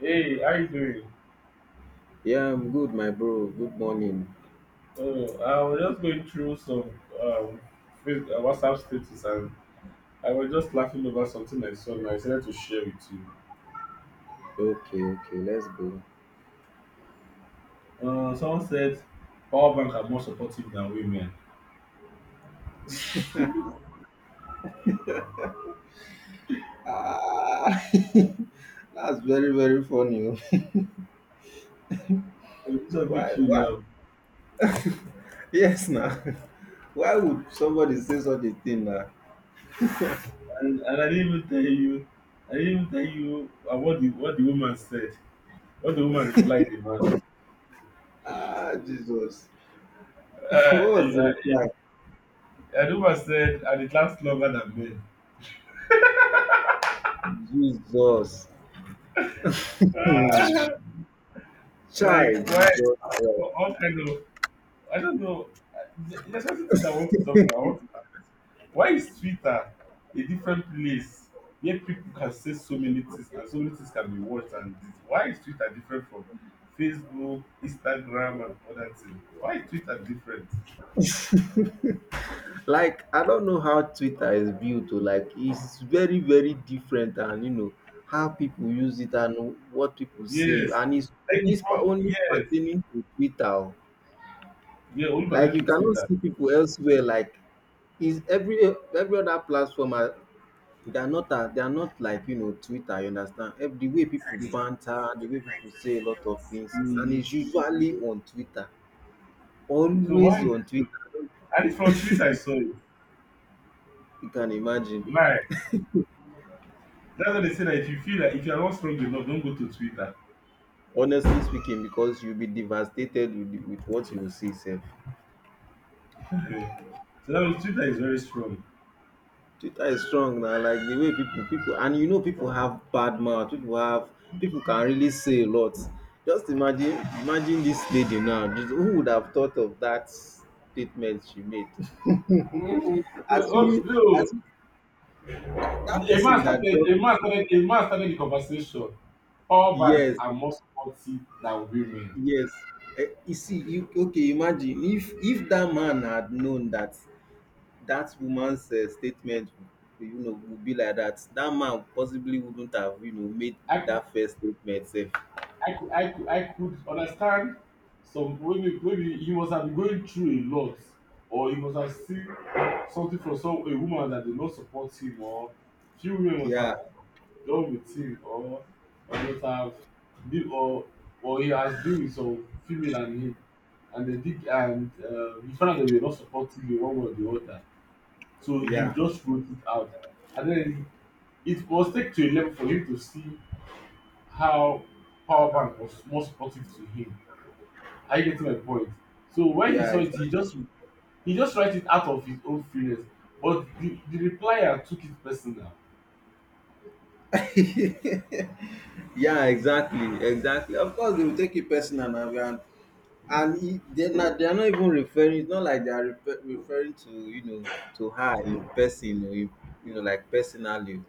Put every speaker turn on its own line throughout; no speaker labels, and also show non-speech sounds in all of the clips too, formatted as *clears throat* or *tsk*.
Hey, how you doing?
Yeah, I'm good, my bro. Good morning.
Oh, I was just going through some um WhatsApp status, and I was just laughing over something I saw and I decided to share with you.
Okay, okay, let's go.
Someone said power bank are more supportive than women.
Ah, *laughs* that's very very funny. Oh.
So this
*laughs*
will
why
make you
why?
laugh.
Yes, now. *laughs* Why would somebody say such a thing now?
And I didn't even tell you I didn't even tell you what the woman said. What the woman replied the man.
Ah, Jesus. *laughs*
Uh,
What
and,
was the
uh,
reply?
and the woman said and it lasts longer than men.
Jesus. Hmm.
*laughs* Like,
Child,
why?
Jesus.
All kind of. I don't know. There's certain things I want to talk about. Why is Twitter a different place where people can say so many things and so many things can be watched and this? Why is Twitter different from Facebook, Instagram, and other things? Why is Twitter different?
Like, I don't know how Twitter is built oh, like it's very, very different, and you know how people use it and what people say,
Yes,
and it's
like
only
if all-
only
yes,
pertaining to Twitter. Oh.
yeah, only
Like you
pertaining to
cannot
Twitter.
see people elsewhere. Like is every other platform are they are not a- they are not like you know Twitter. You understand? The way people banter, the way people say a lot of things, and
Mm.
it's usually on Twitter.
So why?
Always on Twitter. I don't-
And it's from Twitter I saw it.
You can imagine.
Why? That's what they say, that if you are not strong enough, don't go to Twitter.
Honestly speaking, because you will be devastated with with what you will see sef.
Okay, so that means Twitter is very strong.
Twitter is strong now, like the way people and you know people have bad mouth, people have, people can really say a lot, just imagine, imagine this lady now, who would have thought of that statement she made.
Mm,
*laughs* Assuming
oh,
as that,
no.
that
A man
person that
started
dropped,
a man started a man started the conversation. Power bank
yes,
are more supportive than women.
yes. Eh, you see you, okay, imagine if that man had known that that woman's statement, you know, would be like that, that man possibly wouldn't have you know made
I could
that first statement sef.
I could understand. Some, maybe he must have been going through a lot, or he must have seen something from some a woman that did not support him, or few women must have
Yeah,
done with him, or would have been, or he has been with some female and him, and they did, and he found out that they were not supporting him one way or the other, so he
yeah,
just wrote it out. And then it was take to a level for him to see how power bank was more supportive to him. Are you getting my point? So when he saw
yeah,
it, he just write it out of his own feelings. But the replier took it personal.
exactly. *laughs* Yeah, exactly, exactly, of course they will take it personal, and they na they are not even referring, it's not like they are referring to you know to her in person or in, you know, like personally.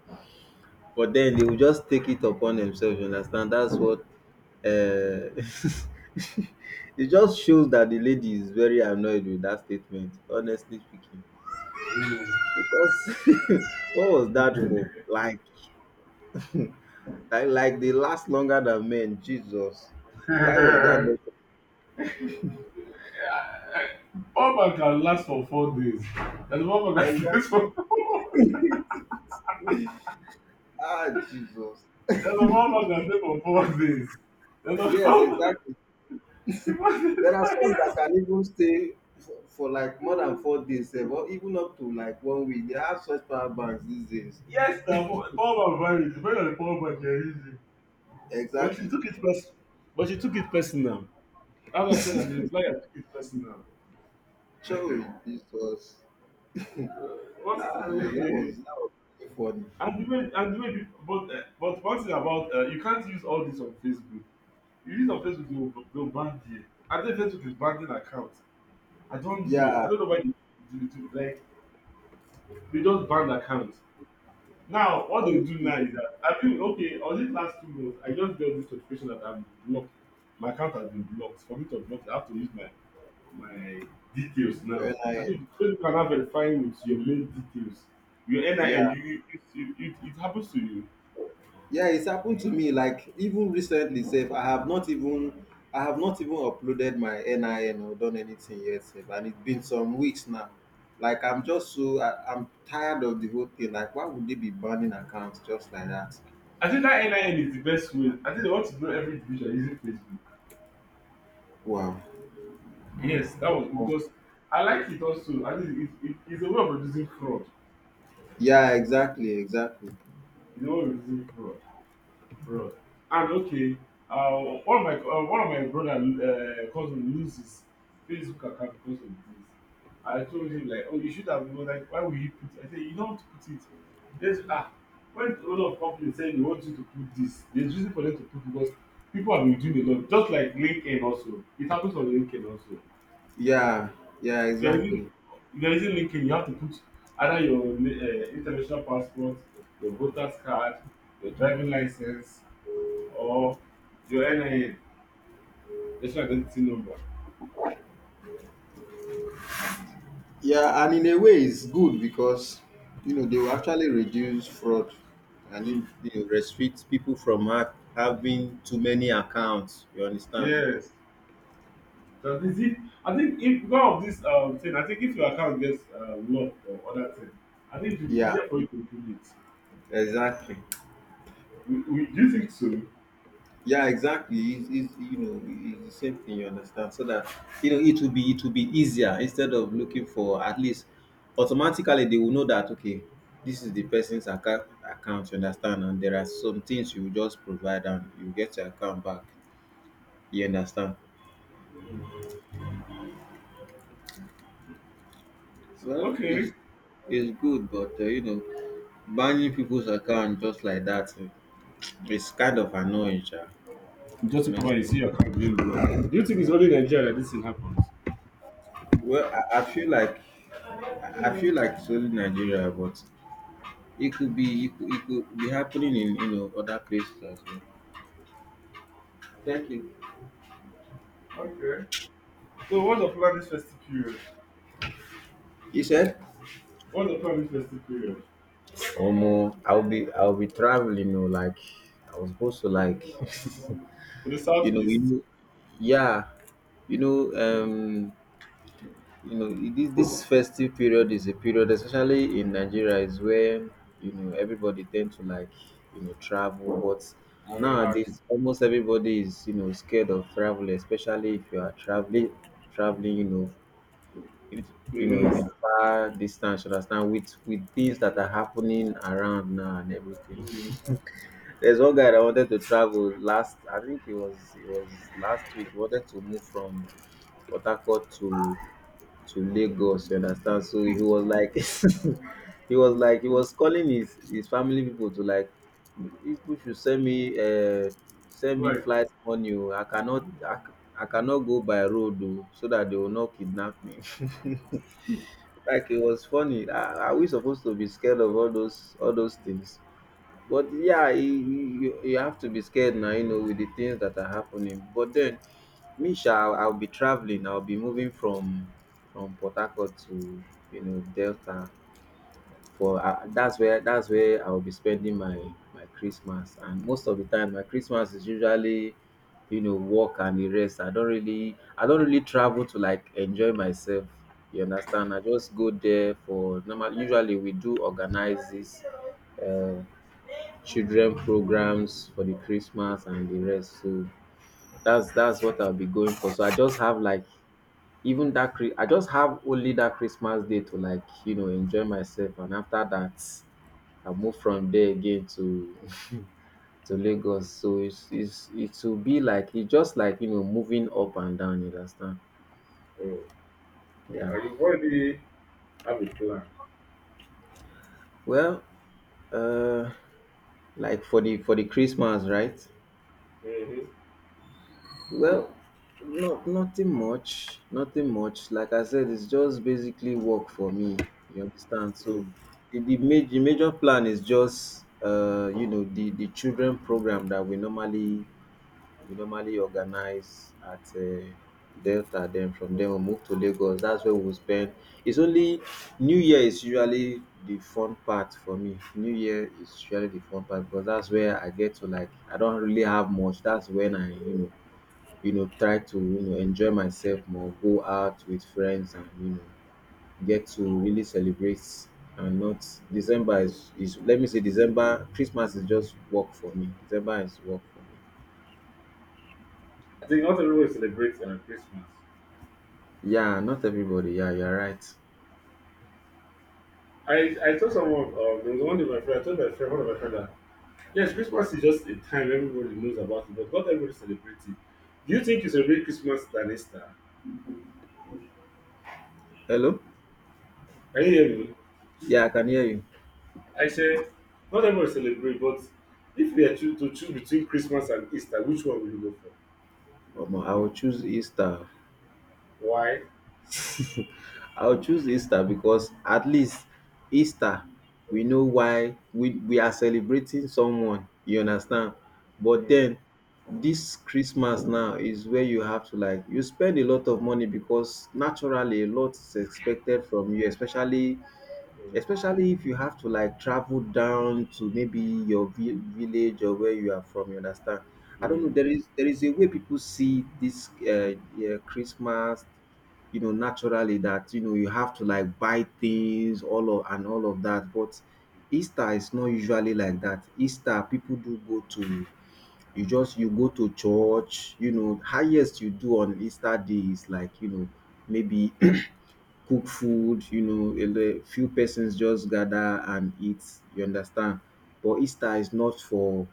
But then they will just take it upon themselves, you understand? That's what *laughs* it just shows that the lady is very annoyed with that statement, honestly speaking.
Mm.
Because *laughs* what was that for? Like they last longer than men. Jesus. Why was that?
*laughs* One man can last for 4 days. There's a one man can stay
Exactly.
for *laughs* four.
Ah, Jesus.
There's a one man can stay for 4 days. There's a
Yes,
one man
exactly.
*laughs* before they
There are some
tire.
that can even stay for like more than 4 days, eh, or even up to like one week. They have such power banks these days.
Yes, the poor poor man married. Depending on the poor man, they're easy. But she
Exactly.
took But she took it personal. As I said, that the reply I took it personal.
Joy,
*laughs*
Jesus.
Uh, what's
Ah,
*laughs*
that
and
was really fun.
the way and the way people. But one thing about you can't use all this on Facebook. You use on Facebook, they'll ban you. I think Facebook is banning account. I don't know. I
Yeah,
don't know why they do it. Like, they just banned accounts. Now what they do
honestly,
now is that I feel okay. On this last 2 months, I just got this notification that I'm blocked. My account has been blocked. For me to block, I have to use my my details now.
and I,
I think you can have verifying with your main details, your
yeah,
NIN. It happens to you.
yeah, it's happened to me. Like even recently, safe. I have not even uploaded my NIN or done anything yet, safe. And it's been some weeks now. Like I'm just so I'm tired of the whole thing. Like why would they be banning accounts just like that?
I think that NIN is the best way. I think they want to know every individual using Facebook.
Wow.
Yes, that was because I like it also. I think it's a way of reducing fraud.
Yeah, exactly, exactly.
It's a way of reducing fraud. Bro. And okay, one of my, brother, cousin loses Facebook account because of this. I told him like, oh, you should have known. Like, why would you put it? I said, you don't put it. There's when a lot of companies say they want you to put this, there's reason for them to put, because people have been doing a lot. Just like LinkedIn also, it happens on LinkedIn also.
Yeah, yeah,
If you're using
exactly.
if you're using LinkedIn, you have to put either your international passport, your voter's card, your driving license, or your NIN, national identity number.
Yeah, and in a way, it's good because you know they will actually reduce fraud, and you,
Mm.
you know, restrict people from having too many accounts. You understand?
Yes. Does this if I think if one of this thing, I think if your account gets locked or other thing, I think it will be
Yeah,
easier for you to do it.
exactly.
Do you think so?
Yeah, exactly. It's you know, it's the same thing. You understand? So that you know it will be easier, instead of looking for, at least automatically they will know that okay, this is the person's account. Account, you understand? And there are some things you will just provide and you get your account back. You understand?
Mm. So,
Well,
okay.
it's good, but you know, banning people's account just like that, eh, it's kind of annoying, sha,
You just come out,
honestly.
you see your account being blocked. Do you think it's only in Nigeria that this thing happens?
Well, I feel like I feel like it's only Nigeria, but it could be happening in you know other places as well. Thank you.
Okay. So what's the plan this festive period?
He said,
What's the plan this festive period?
"Omo, I'll be traveling, you know, like I was supposed to like,
To the
*laughs* you know,
southeast,
yeah, you know, you know, this festive period is a period, especially in Nigeria, is where you know everybody tend to like you know travel. But
I relax.
nowadays, almost everybody is you know scared of travel, especially if you are traveling, traveling. You know, it,
To the
you know
northeast.
in far distance. You understand with things that are happening around now and everything.
Mm.
*laughs* There's one guy that wanted to travel last. I think it was last week. He wanted to move from Port Harcourt to Lagos, you understand? So he was like *laughs* he was calling his family people to like people should send me
Like,
flight money. Oh. I cannot I cannot go by road oh, so that they will not kidnap me. *laughs* Like it was funny. Are we supposed to be scared of all those things? But yeah, you, you have to be scared now, you know, with the things that are happening. But then, me, I'll be traveling. I'll be moving from Port Harcourt to you know Delta. For that's where, I'll be spending my Christmas. And most of the time, my Christmas is usually you know work and the rest. I don't really travel to like enjoy myself. You understand? I just go there for normal. Usually, we do organize this uh, children programs for the Christmas and the rest. So that's what I'll be going for. So I just have like even that I just have only that Christmas day to like you know enjoy myself, and after that I move from there again to *laughs* to Lagos. So it's it will be like, it's just like you know moving up and down. You understand?
uh,
Yeah.
you've already have a plan.
Well, uh, like for the Christmas, right?
Mm-hmm.
Well, no, nothing much, nothing much. Like I said, it's just basically work for me. You understand?
Mm.
So the major plan is just you know the children program that we normally organize at Delta. Then from there we move to Lagos. That's where we spend. It's only, New Year is usually the fun part for me. New Year is usually the fun part because that's where I get to like, I don't really have much. That's when I you know, you know, try to, you know, enjoy myself more, go out with friends and, you know, get to really celebrate, and not December is let me say December, Christmas is just work for me. December is work for me.
I think not everyone celebrates Christmas.
Yeah, not everybody. Yeah, you're right.
I told someone, there was one of my friends, I told my friend, one of my friends that, yes, Christmas is just a time everybody knows about it, but not everybody celebrates it. Do you think you celebrate Christmas than Easter?
Hello?
Can you hear me?
Yeah, I can hear you.
I said, not everybody celebrate, but if you are to choose between Christmas and Easter, which one will you go for?
Omo, I will choose Easter.
Why?
I will choose Easter because at least Easter, we know why we are celebrating someone. You understand? But
Mm-hmm.
then this Christmas now is where you have to like you spend a lot of money because naturally a lot is expected from you, especially,
Mm.
especially if you have to like travel down to maybe your village or where you are from, you understand? I don't know.
Mm.
There is a way people see this yeah, Christmas, you know, naturally that you know you have to like buy things all of and all of that. But Easter is not usually like that. Easter people do go to, you just you go to church, you know, highest you do on Easter day is like, you know, maybe *clears throat* cook food, you know, a few persons just gather and eat, you understand? But Easter is not for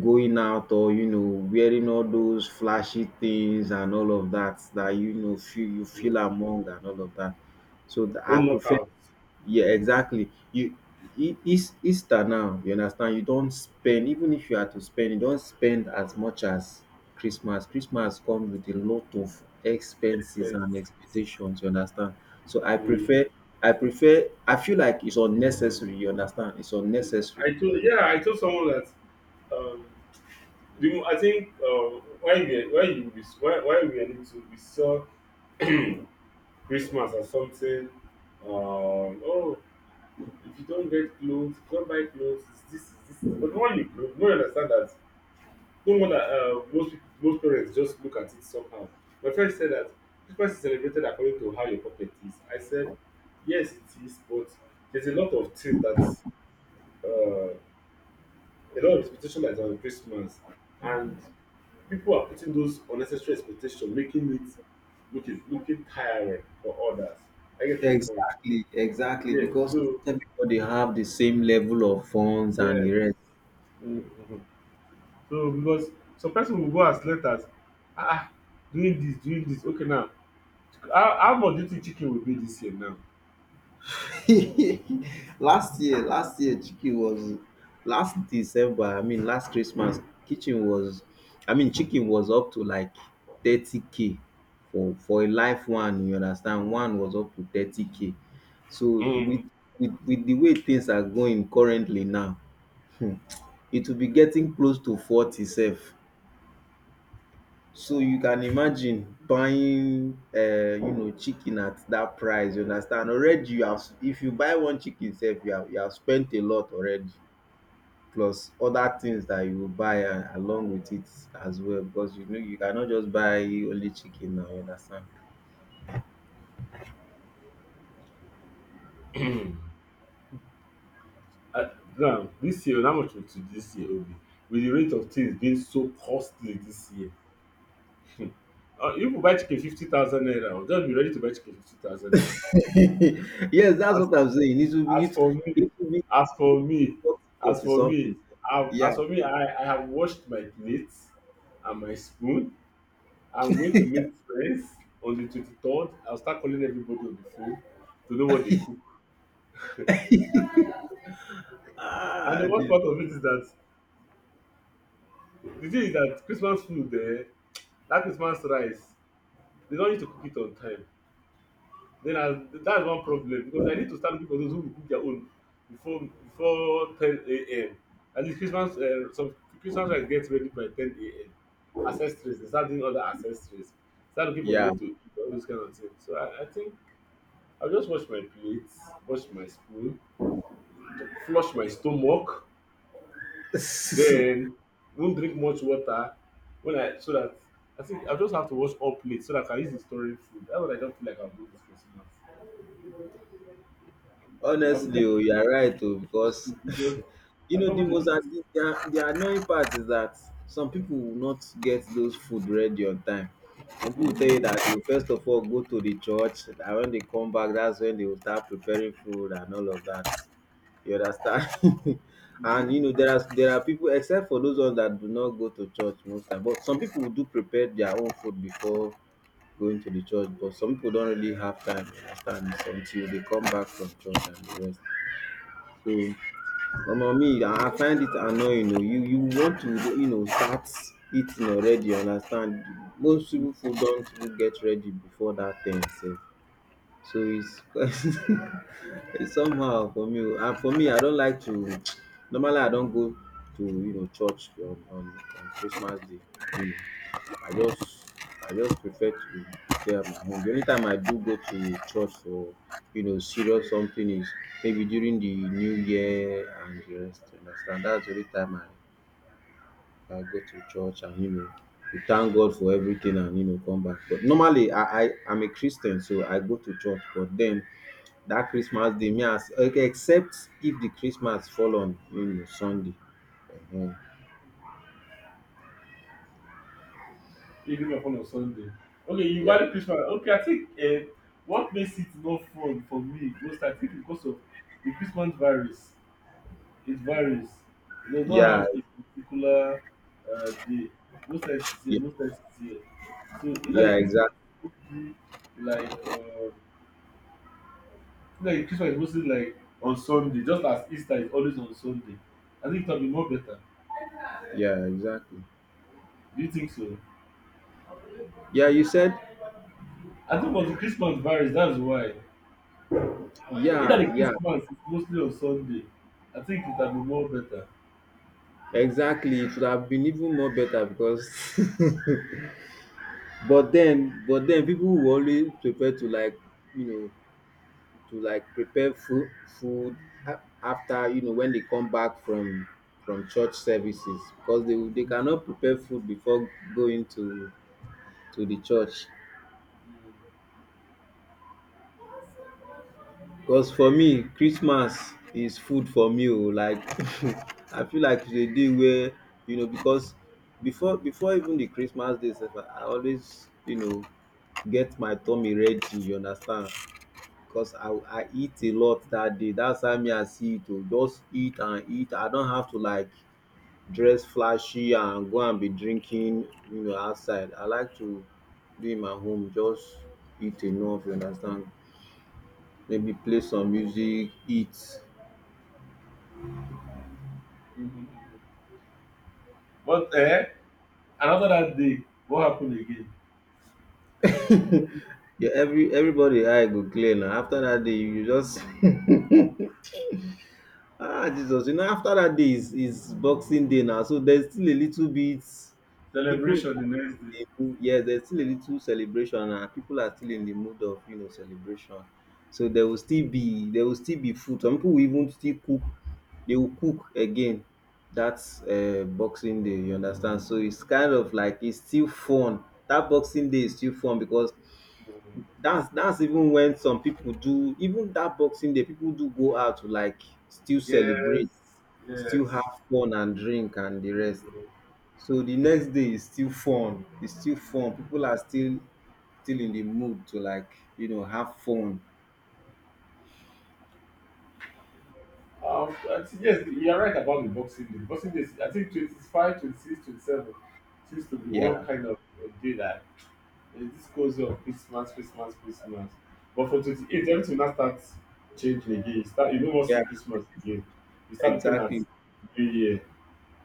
going out or, you know, wearing all those flashy things and all of that that, you know, feel you feel
Mm.
among and all of that. So
No
I prefer,
knockout.
yeah, exactly. You, E Eas Easter now, you understand, you don't spend, even if you had to spend, you don't spend as much as Christmas. Christmas comes with a lot of expenses and
Expense.
expectations, you understand? So
Mm.
I prefer, I feel like it's unnecessary, you understand? It's unnecessary.
I told someone that um, I think why we are able to we saw Christmas as something. Oh, if you don't get clothes, if you don't buy clothes, it's this is this. But when you grow, no one understand that. No wonder most people, most parents just look at it somehow. My friend said that Christmas is celebrated according to how your pocket is. I said yes, it is, but there's a lot of things that, uh, a lot of expectation that's on Christmas, and people are putting those unnecessary expectations, making it looking tiring for others. I get my point.
Exactly, exactly,
Yeah.
because
So,
everybody have the same level of funds and
yes.
the rest.
Mhm. So because some person will go as late as, ah doing this, doing this. Okay now, how much do you think chicken will be this year now?
*laughs* Last year, Chiki was last December. I mean, last Christmas, kitchen was. I mean, chicken was up to like 30K for a live one. You understand? One was up to 30K. So
Mm.
with the way things are going currently now, it will be getting close to 40 sef. So you can imagine buying you know chicken at that price, you understand, already you have, if you buy one chicken sef, you have, spent a lot already, plus other things that you go buy along with it as well, because you know you cannot just buy only chicken now, you understand.
*clears throat* uh, Now this year, how much will to this year will be? With the rate of things being so costly this year, if you buy chicken 50,000 naira, just be ready to buy chicken 50,000 naira.
*laughs* Yes, that's what I'm saying,
As for me,
it will be
as for me,
forty
as
forty
for
something
me,
sef. Yeah.
as for me, I have washed my plate and my spoon. I'm going to make friends on the 23rd. I'll start calling everybody on the phone to know what they cook. And the
Ah,
worst part of
Jesus.
it is that the thing is that Christmas food there, that Christmas rice, they don't need to cook it on time. Then I, that's one problem, because I need to start looking for those who will cook their own before 10 a.m. At least Christmas, some Christmas rice gets ready by 10 a.m. Accessories, they start doing other accessories. Start looking for where
Yeah.
to eat, all those kind of things. So I think I'll just wash my plates, wash my spoon, flush my stomach, then
*laughs*
won't drink much water when I, so that, I think I just have to wash all plates so that I can use the storing food. That's what I don't feel like I'm doing this Christmas. I'll be
Honestly, oh, you
testing
are right, oh,
this school
because *laughs*
because
you
I
know
don't
the
want to do
most
this.
the annoying part is that some people will not get those food ready on time. Some people tell you
Mm-hmm.
that you first of all go to the church, and when they come back, that's when they will start preparing food and all of that. You understand? *laughs* And you know there are people except for those ones that do not go to church most time, but some people do prepare their own food before going to the church, but some people don't really have time. You understand? It's until they come back from church and the rest. So omo me I find it annoying oo, you want to start eating already, you understand? Most even food don even get ready before dat time sef. So it's *laughs* it's somehow for me oo. And for me, I don like to *tsk* normally I don go to church on on Christmas day. I just I just prefer to stay at my home. The only time I do go to church for serious something is maybe during the new year and the rest. You understand? That's the only time I go to church, and you know we thank God for everything and you know come back. But normally, I I'm a Christian, so I go to church. But then that Christmas day, me as okay, except if the Christmas fall on you know Sunday. Ehen.
You give me fun on a Sunday. Okay, you
Yeah,
value Christmas. Okay, I think what makes it not fun for me most, I think, is because of the Christmas varies. It varies. It does not have
yeah,
a particular day. Most times it's here,
yeah,
most times it's here. So either the
yeah,
Christmas
exactly.
is mostly like uh, like on Sunday, just as Easter is always on Sunday. I think it will be more better.
Yeah, exactly.
Do you think so?
Yeah, you said,
I think because the Christmas varies, that's why. Either the
yeah, yeah,
Christmas is mostly on Sunday, I think it would be more better.
exactly. It would have been even more better because, *laughs* but then people will always prepare to like, you know, to like prepare food, food after you know when they come back from church services, because they cannot prepare food before going to the church. Because for me, Christmas is food for me o. Like *laughs* I feel like it's a day where you know, because before even the Christmas day sef, I always you know get my tummy ready, you understand? Because I eat a lot that day. That's how me I see it o. Just eat and eat. I don't have to like dress flashy and go and be drinking you know outside. I like to be in my home, just eat enough, you understand? Maybe play some music, eat.
Mm-hmm. But another that day, what happened again?
Yeah, everybody eye go clear now. After that day, you just *laughs* ah Jesus, you know after that day is Boxing Day now, so there's still a little bit people
Celebration the next
in
day.
the mood- yes, there's still a little celebration and people are still in the mood of you know celebration. So there will still be food. Some people will even still cook. They will cook again. That's Boxing Day. You understand? So it's kind of like it's still fun. That Boxing Day is still fun because
Mhm.
that's even when some people do even that Boxing Day, people do go out to like still
Yes,
celebrate, still
yes.
have fun and drink and the rest.
Mhm.
So the next day is still fun. It's still fun. People are still still in the mood to like, you know, have fun.
I think, yes, you are right about the Boxing Day. Boxing Day is, I think, 25, 26, 27, seems to be
Yeah.
one kind of a day that, it's this cozy of Christmas, Christmas, Christmas. But from 28, everything will now start changing again. You no more see
Yeah.
Christmas again. You start looking at
Exactly.
New Year.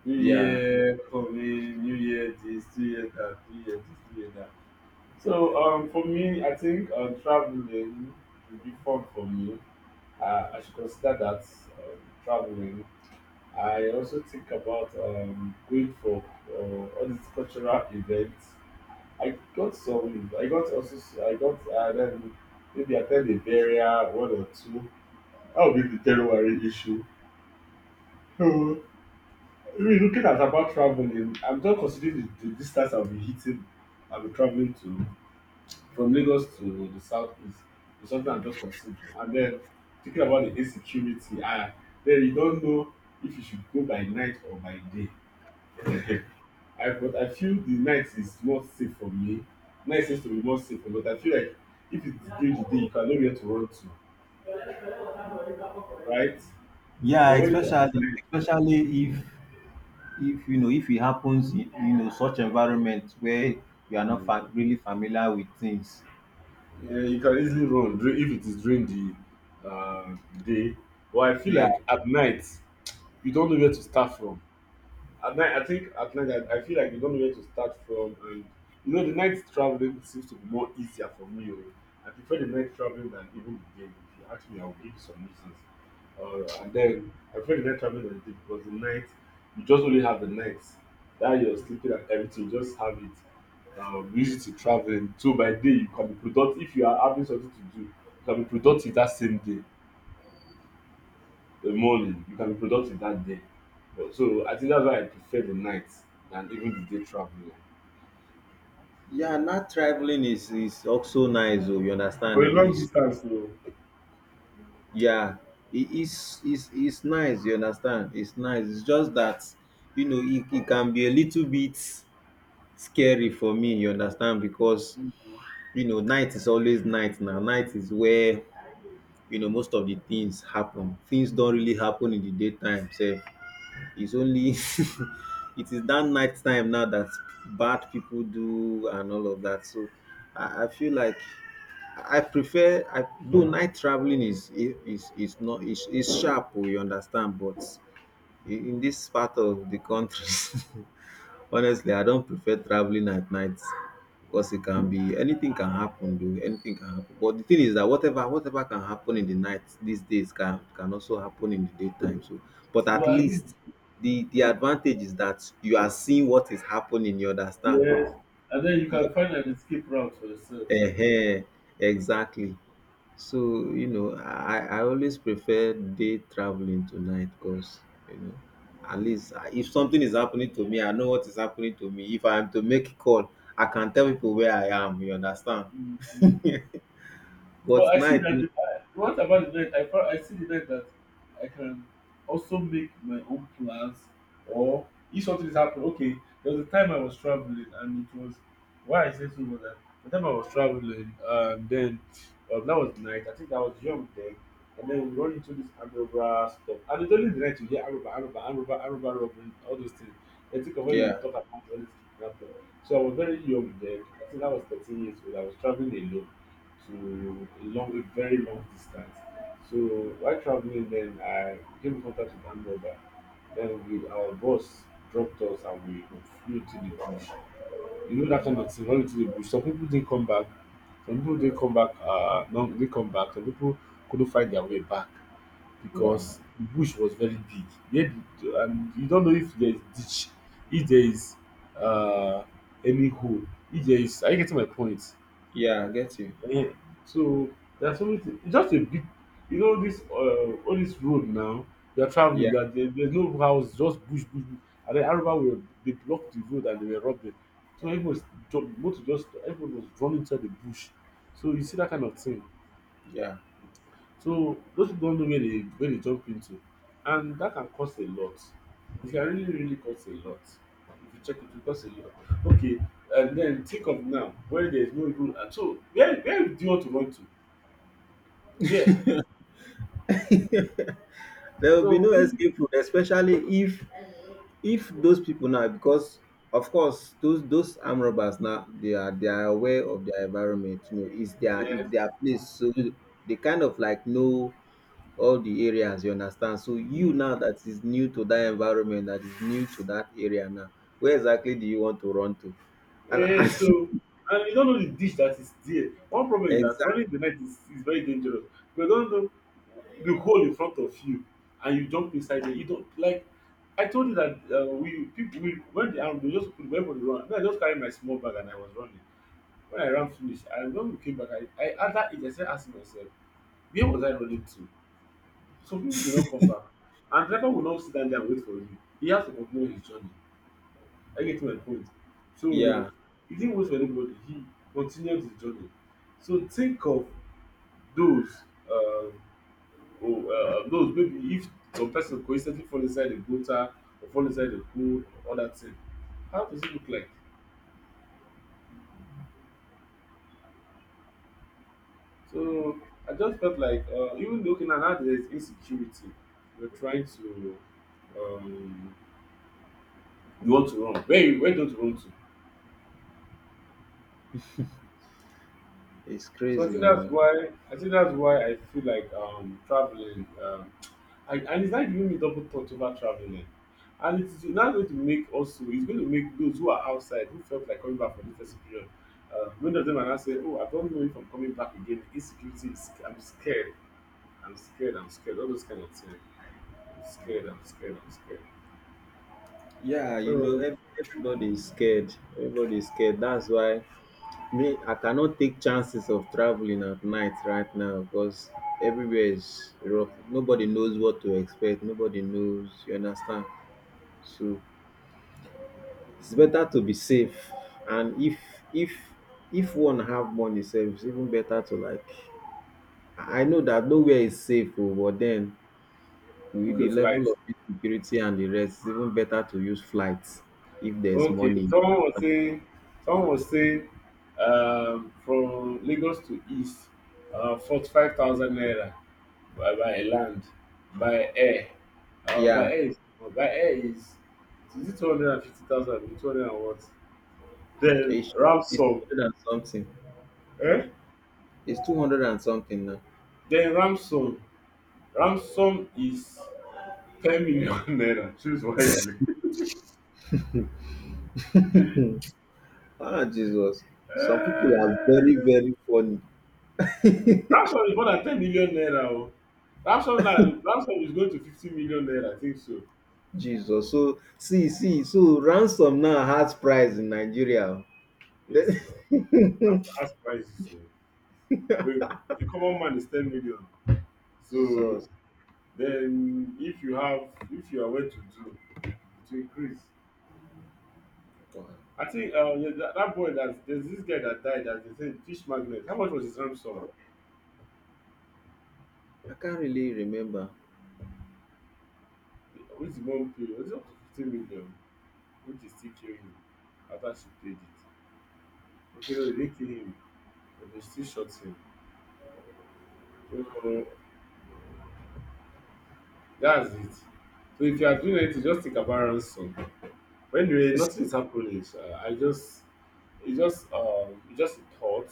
New
Yeah.
Year coming, New Year this, New Year that, New Year this, New Year that. So for me, I think traveling would be fun for me. I should consider that, traveling. I also think about going for uh, all these cultural events. I got also I got then maybe attend a burial one or two. That would be the January issue. So really looking at about traveling, I'm just considering the distance I'll be hitting. I'll be traveling to from Lagos to the southeast. It's something I'm just considering, and then thinking about the insecurity. Then you don't know if you should go by night or by day. I but I feel the night is not safe for me. Night seems to be more safe, but I feel like if it's during the day, you can know where to run to, right? But
Yeah,
when it's at
especially
night,
especially if you know if it happens in you know such environment where you are not
mm,
really familiar with things.
yeah, you can easily run if it is during the day. But I feel
Yeah,
like at night, you don't know where to start from. At night, I think at night, I feel like you don't know where to start from, and you know the night traveling seems to be more easier for me oh. I prefer the night traveling than even the day. If you ask me, I'll give you some reasons. And then I prefer the night traveling than the day, because the night, you just only have the night that you're sleeping, and everything you just have it use it to traveling. So by day, you can be productive. If you are having something to do, you can be productive that same day, the morning. You can be productive that day. But so I think that's why I prefer the night than even the day traveling.
yeah, not traveling is also nice oh, you
For
understand?
a
It
long
is
distance, though.
yeah, it is nice, you understand? It's nice. It's just that you know it, it can be a little bit scary for me, you understand? Because you know night is always night now. Night is where you know most of the things happen. Things don't really happen in the daytime. So it's only *laughs* it is that night time now that bad people do and all of that. So I feel like I do night traveling is not is sharp. We understand, but in this part of the country *laughs* honestly I don't prefer traveling at night because it can be anything can happen. Do anything can happen. But the thing is that whatever can happen in the night these days can also happen in the daytime. So but at
But I mean,
least the advantage is that you are seeing what is happening, you understand?
yes, and then you can find an escape route for yourself.
Ehen, exactly. So, you know, I I always prefer day traveling to night because, you know, at least if something is happening to me, I know what is happening to me. If I am to make a call, I can tell people where I am, you understand?
Mhm. But
But
I see
night,
that if I, what about the night? I found, I see the night that I can also make my own plans, or if something is happening. Okay, there was a time I was traveling, and it was why I say so was that the time I was traveling, then that was the night. I think I was young then, and then we run into this Amroba stuff, and it's only the night you hear Amroba, Amroba, Amroba, Amroba, robbery, all those things. I think of when you
yeah,
talk about all this kidnapping. So I was very young then. I think I was 13 years old. I was traveling alone to a very long distance. So while traveling, then I came in contact with another. Then our bus dropped us and we flew into the bush. You know that kind of thing. Went into the bush. Some people didn't come back. Some people didn't come back. No, they come back. Some people couldn't find their way back
wow.
because the bush was very big. Yet, and you don't know if there is ditch, if there is uh, any hole, if there is. Are you getting my point?
Yeah, I get you.
Eh, so there's so always it's just a big, you know, this all this road now they are traveling
Yeah,
there, there's no house, just bush bush bush. And then Aruba were they blocked the road and they were robbing, so everyone was motor, just everyone was running inside the bush. So you see that kind of thing.
yeah.
So those people don't know where they jump into, and that can cost a lot. It can really really cost a lot. If you check it cost a lot. Okay. And then think of now where there's no even so where do you want to run to? Yeah.
There will be
So
no
when
escape route, especially if if those people now, because of course those armed robbers now, they are
Mm,
aware of their environment, you know
yes.
it's their place. So they kind of like know all the areas, you understand? So you
Yeah.
now that is new to that environment, that is new to that area now, where exactly do you want to run to? and,
So,
and
and you don't know the dish that is there. One
*laughs*
problem is that
exactly.
running the night is very dangerous. You don't know the hole in front of you, and you jump inside there. You don't like. I told you that we people we when they arm, they just put weapon to run. Then I just carried my small bag and I was running. When I ran finish, and when we came back, I at that age I started asking myself, where was I running to? Some people do not come back, and driver will not sit down there and wait for you. He has to continue his journey. I get my point. So
Yeah,
he didn't wait for anybody. He continued his journey. So think of those, um, oh, those maybe if some person coincidentally fall inside the gutter or fall inside the pool or that thing, how does it look like? So I just felt like even looking at how there is insecurity, you're trying to, um, you want to run. Where don't you want to?
it's
So I
crazy
think
you
that's
know.
why I think that's why I feel like traveling and it's not giving me double thought over traveling. And it's not going to make, also it's going to make those who are outside who felt like coming back for the festive period. Many of them are now saying, oh, I don't know if I'm coming back again. Insecurity is I'm scared. I'm scared, I'm scared, all those kind of things. I'm scared, I'm scared, I'm scared.
Yeah, you know
So
everybody is scared. Everybody is scared, that's why. Me, I cannot take chances of traveling at night right now, because everywhere is rough. Nobody knows what to expect. Nobody knows. You understand? So it's better to be safe. And if if if one have money sef, it's even better to like. I know that nowhere is safe, oh, but then with
book
the
a
level
flight.
of insecurity and the rest, it's even better to use flights if there's
Okay,
money.
someone was saying, from Lagos to East, 45,000 naira by land, by air, uh, by
Yeah,
air is by air is it 250,000? 200 and what? Then
it's, it's
ransom,
200 and something.
eh?
It's 200 and something now.
Then ransom is 10 million *laughs* naira. Choose wisely.
Ah, Jesus. Some people are very,
*laughs*
very funny.
Ramshaw is more than 10 million naira o. Ramshaw na Ramshaw is going to 50 million naira, I think so.
Jesus. So see, see, so ransom now has price in Nigeria.
Yes
Then-
o. Ramshaw has prices o. For a common man is 10 million.
*laughs*
So
Jesus.
then if you are well to do, it will increase.
Wow.
I think yeah, that boy, that there's this guy that died that they said fish magnet. How much was his ransom?
I can't really remember.
Which the one pay? Was it up to 15 million? Which they still kill him after she paid it. Okay, no they didn't kill him but they still shot him. That's it. So if you are doing anything, just think about ransom. When you nothing is happening, sha, I just it's just a thought.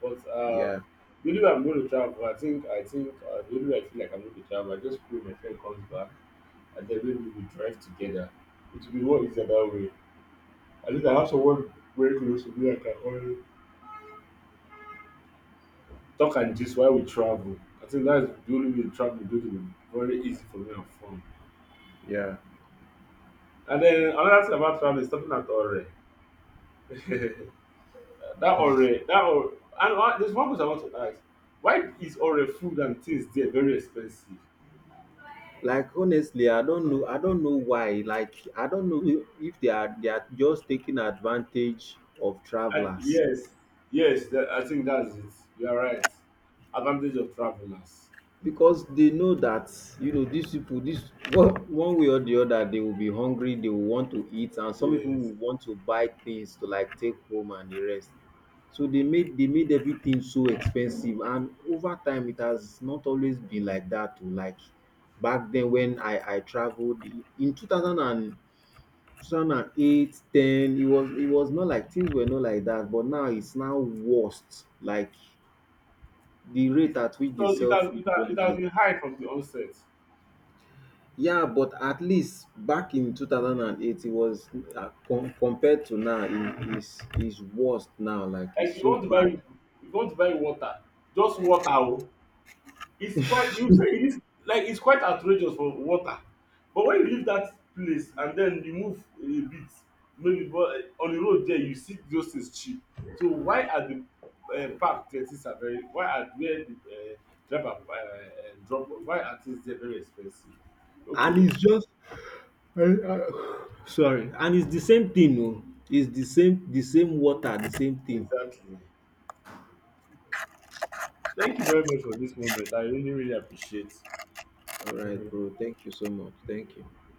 But
Yeah,
the only way I'm going to travel, I think the only way I feel like I'm going to travel, I just pray my friend comes back, and then maybe we drive together. It will be more easier that way. At least I have someone very close to me I can always talk and just while we travel. I think that's the only way traveling is going to be very easy for me and fun.
yeah.
And then another thing about travel is stopping at Ore. *laughs* That already that ore, and one there's one question I want to ask, why is Ore food and things there very expensive?
Like honestly, I don't know. I don't know why. Like I don't know if they are, they are just taking advantage of
And
travelers.
yes, yes, that, I think that's it. You are right, advantage of travelers.
Because they know that you know these people, this one, one way or the other, they will be hungry, they will want to eat, and some people
Yes,
will want to buy things to like take home and the rest. So they made everything so expensive, and over time it has not always been like that. To like back then when I traveled in 2000 and 2008, it was not like, things were not like that, but now it's now worst. Like the
it,
rate
it,
at which they sell food
it
there
has it has
now.
been high from the onset.
Yeah, but at least back in 2008, it was compared to now, it is worst now. Like it's
Like you
so
want to buy
bad.
you want to buy water, just water o. It's quite, you say it is, like it's quite outrageous for water. But when you leave that place and then you move a bit maybe but on the road there you see those things cheap. So why are the park there things are very, why are where the driver drop off, why are things there very expensive?
And
Okay,
it's just sorry, and it's the same thing. No, it's the same water, the same thing.
exactly. Thank you very much for this moment. I really really appreciate.
All right,
*laughs*
bro. Thank you so much. Thank you.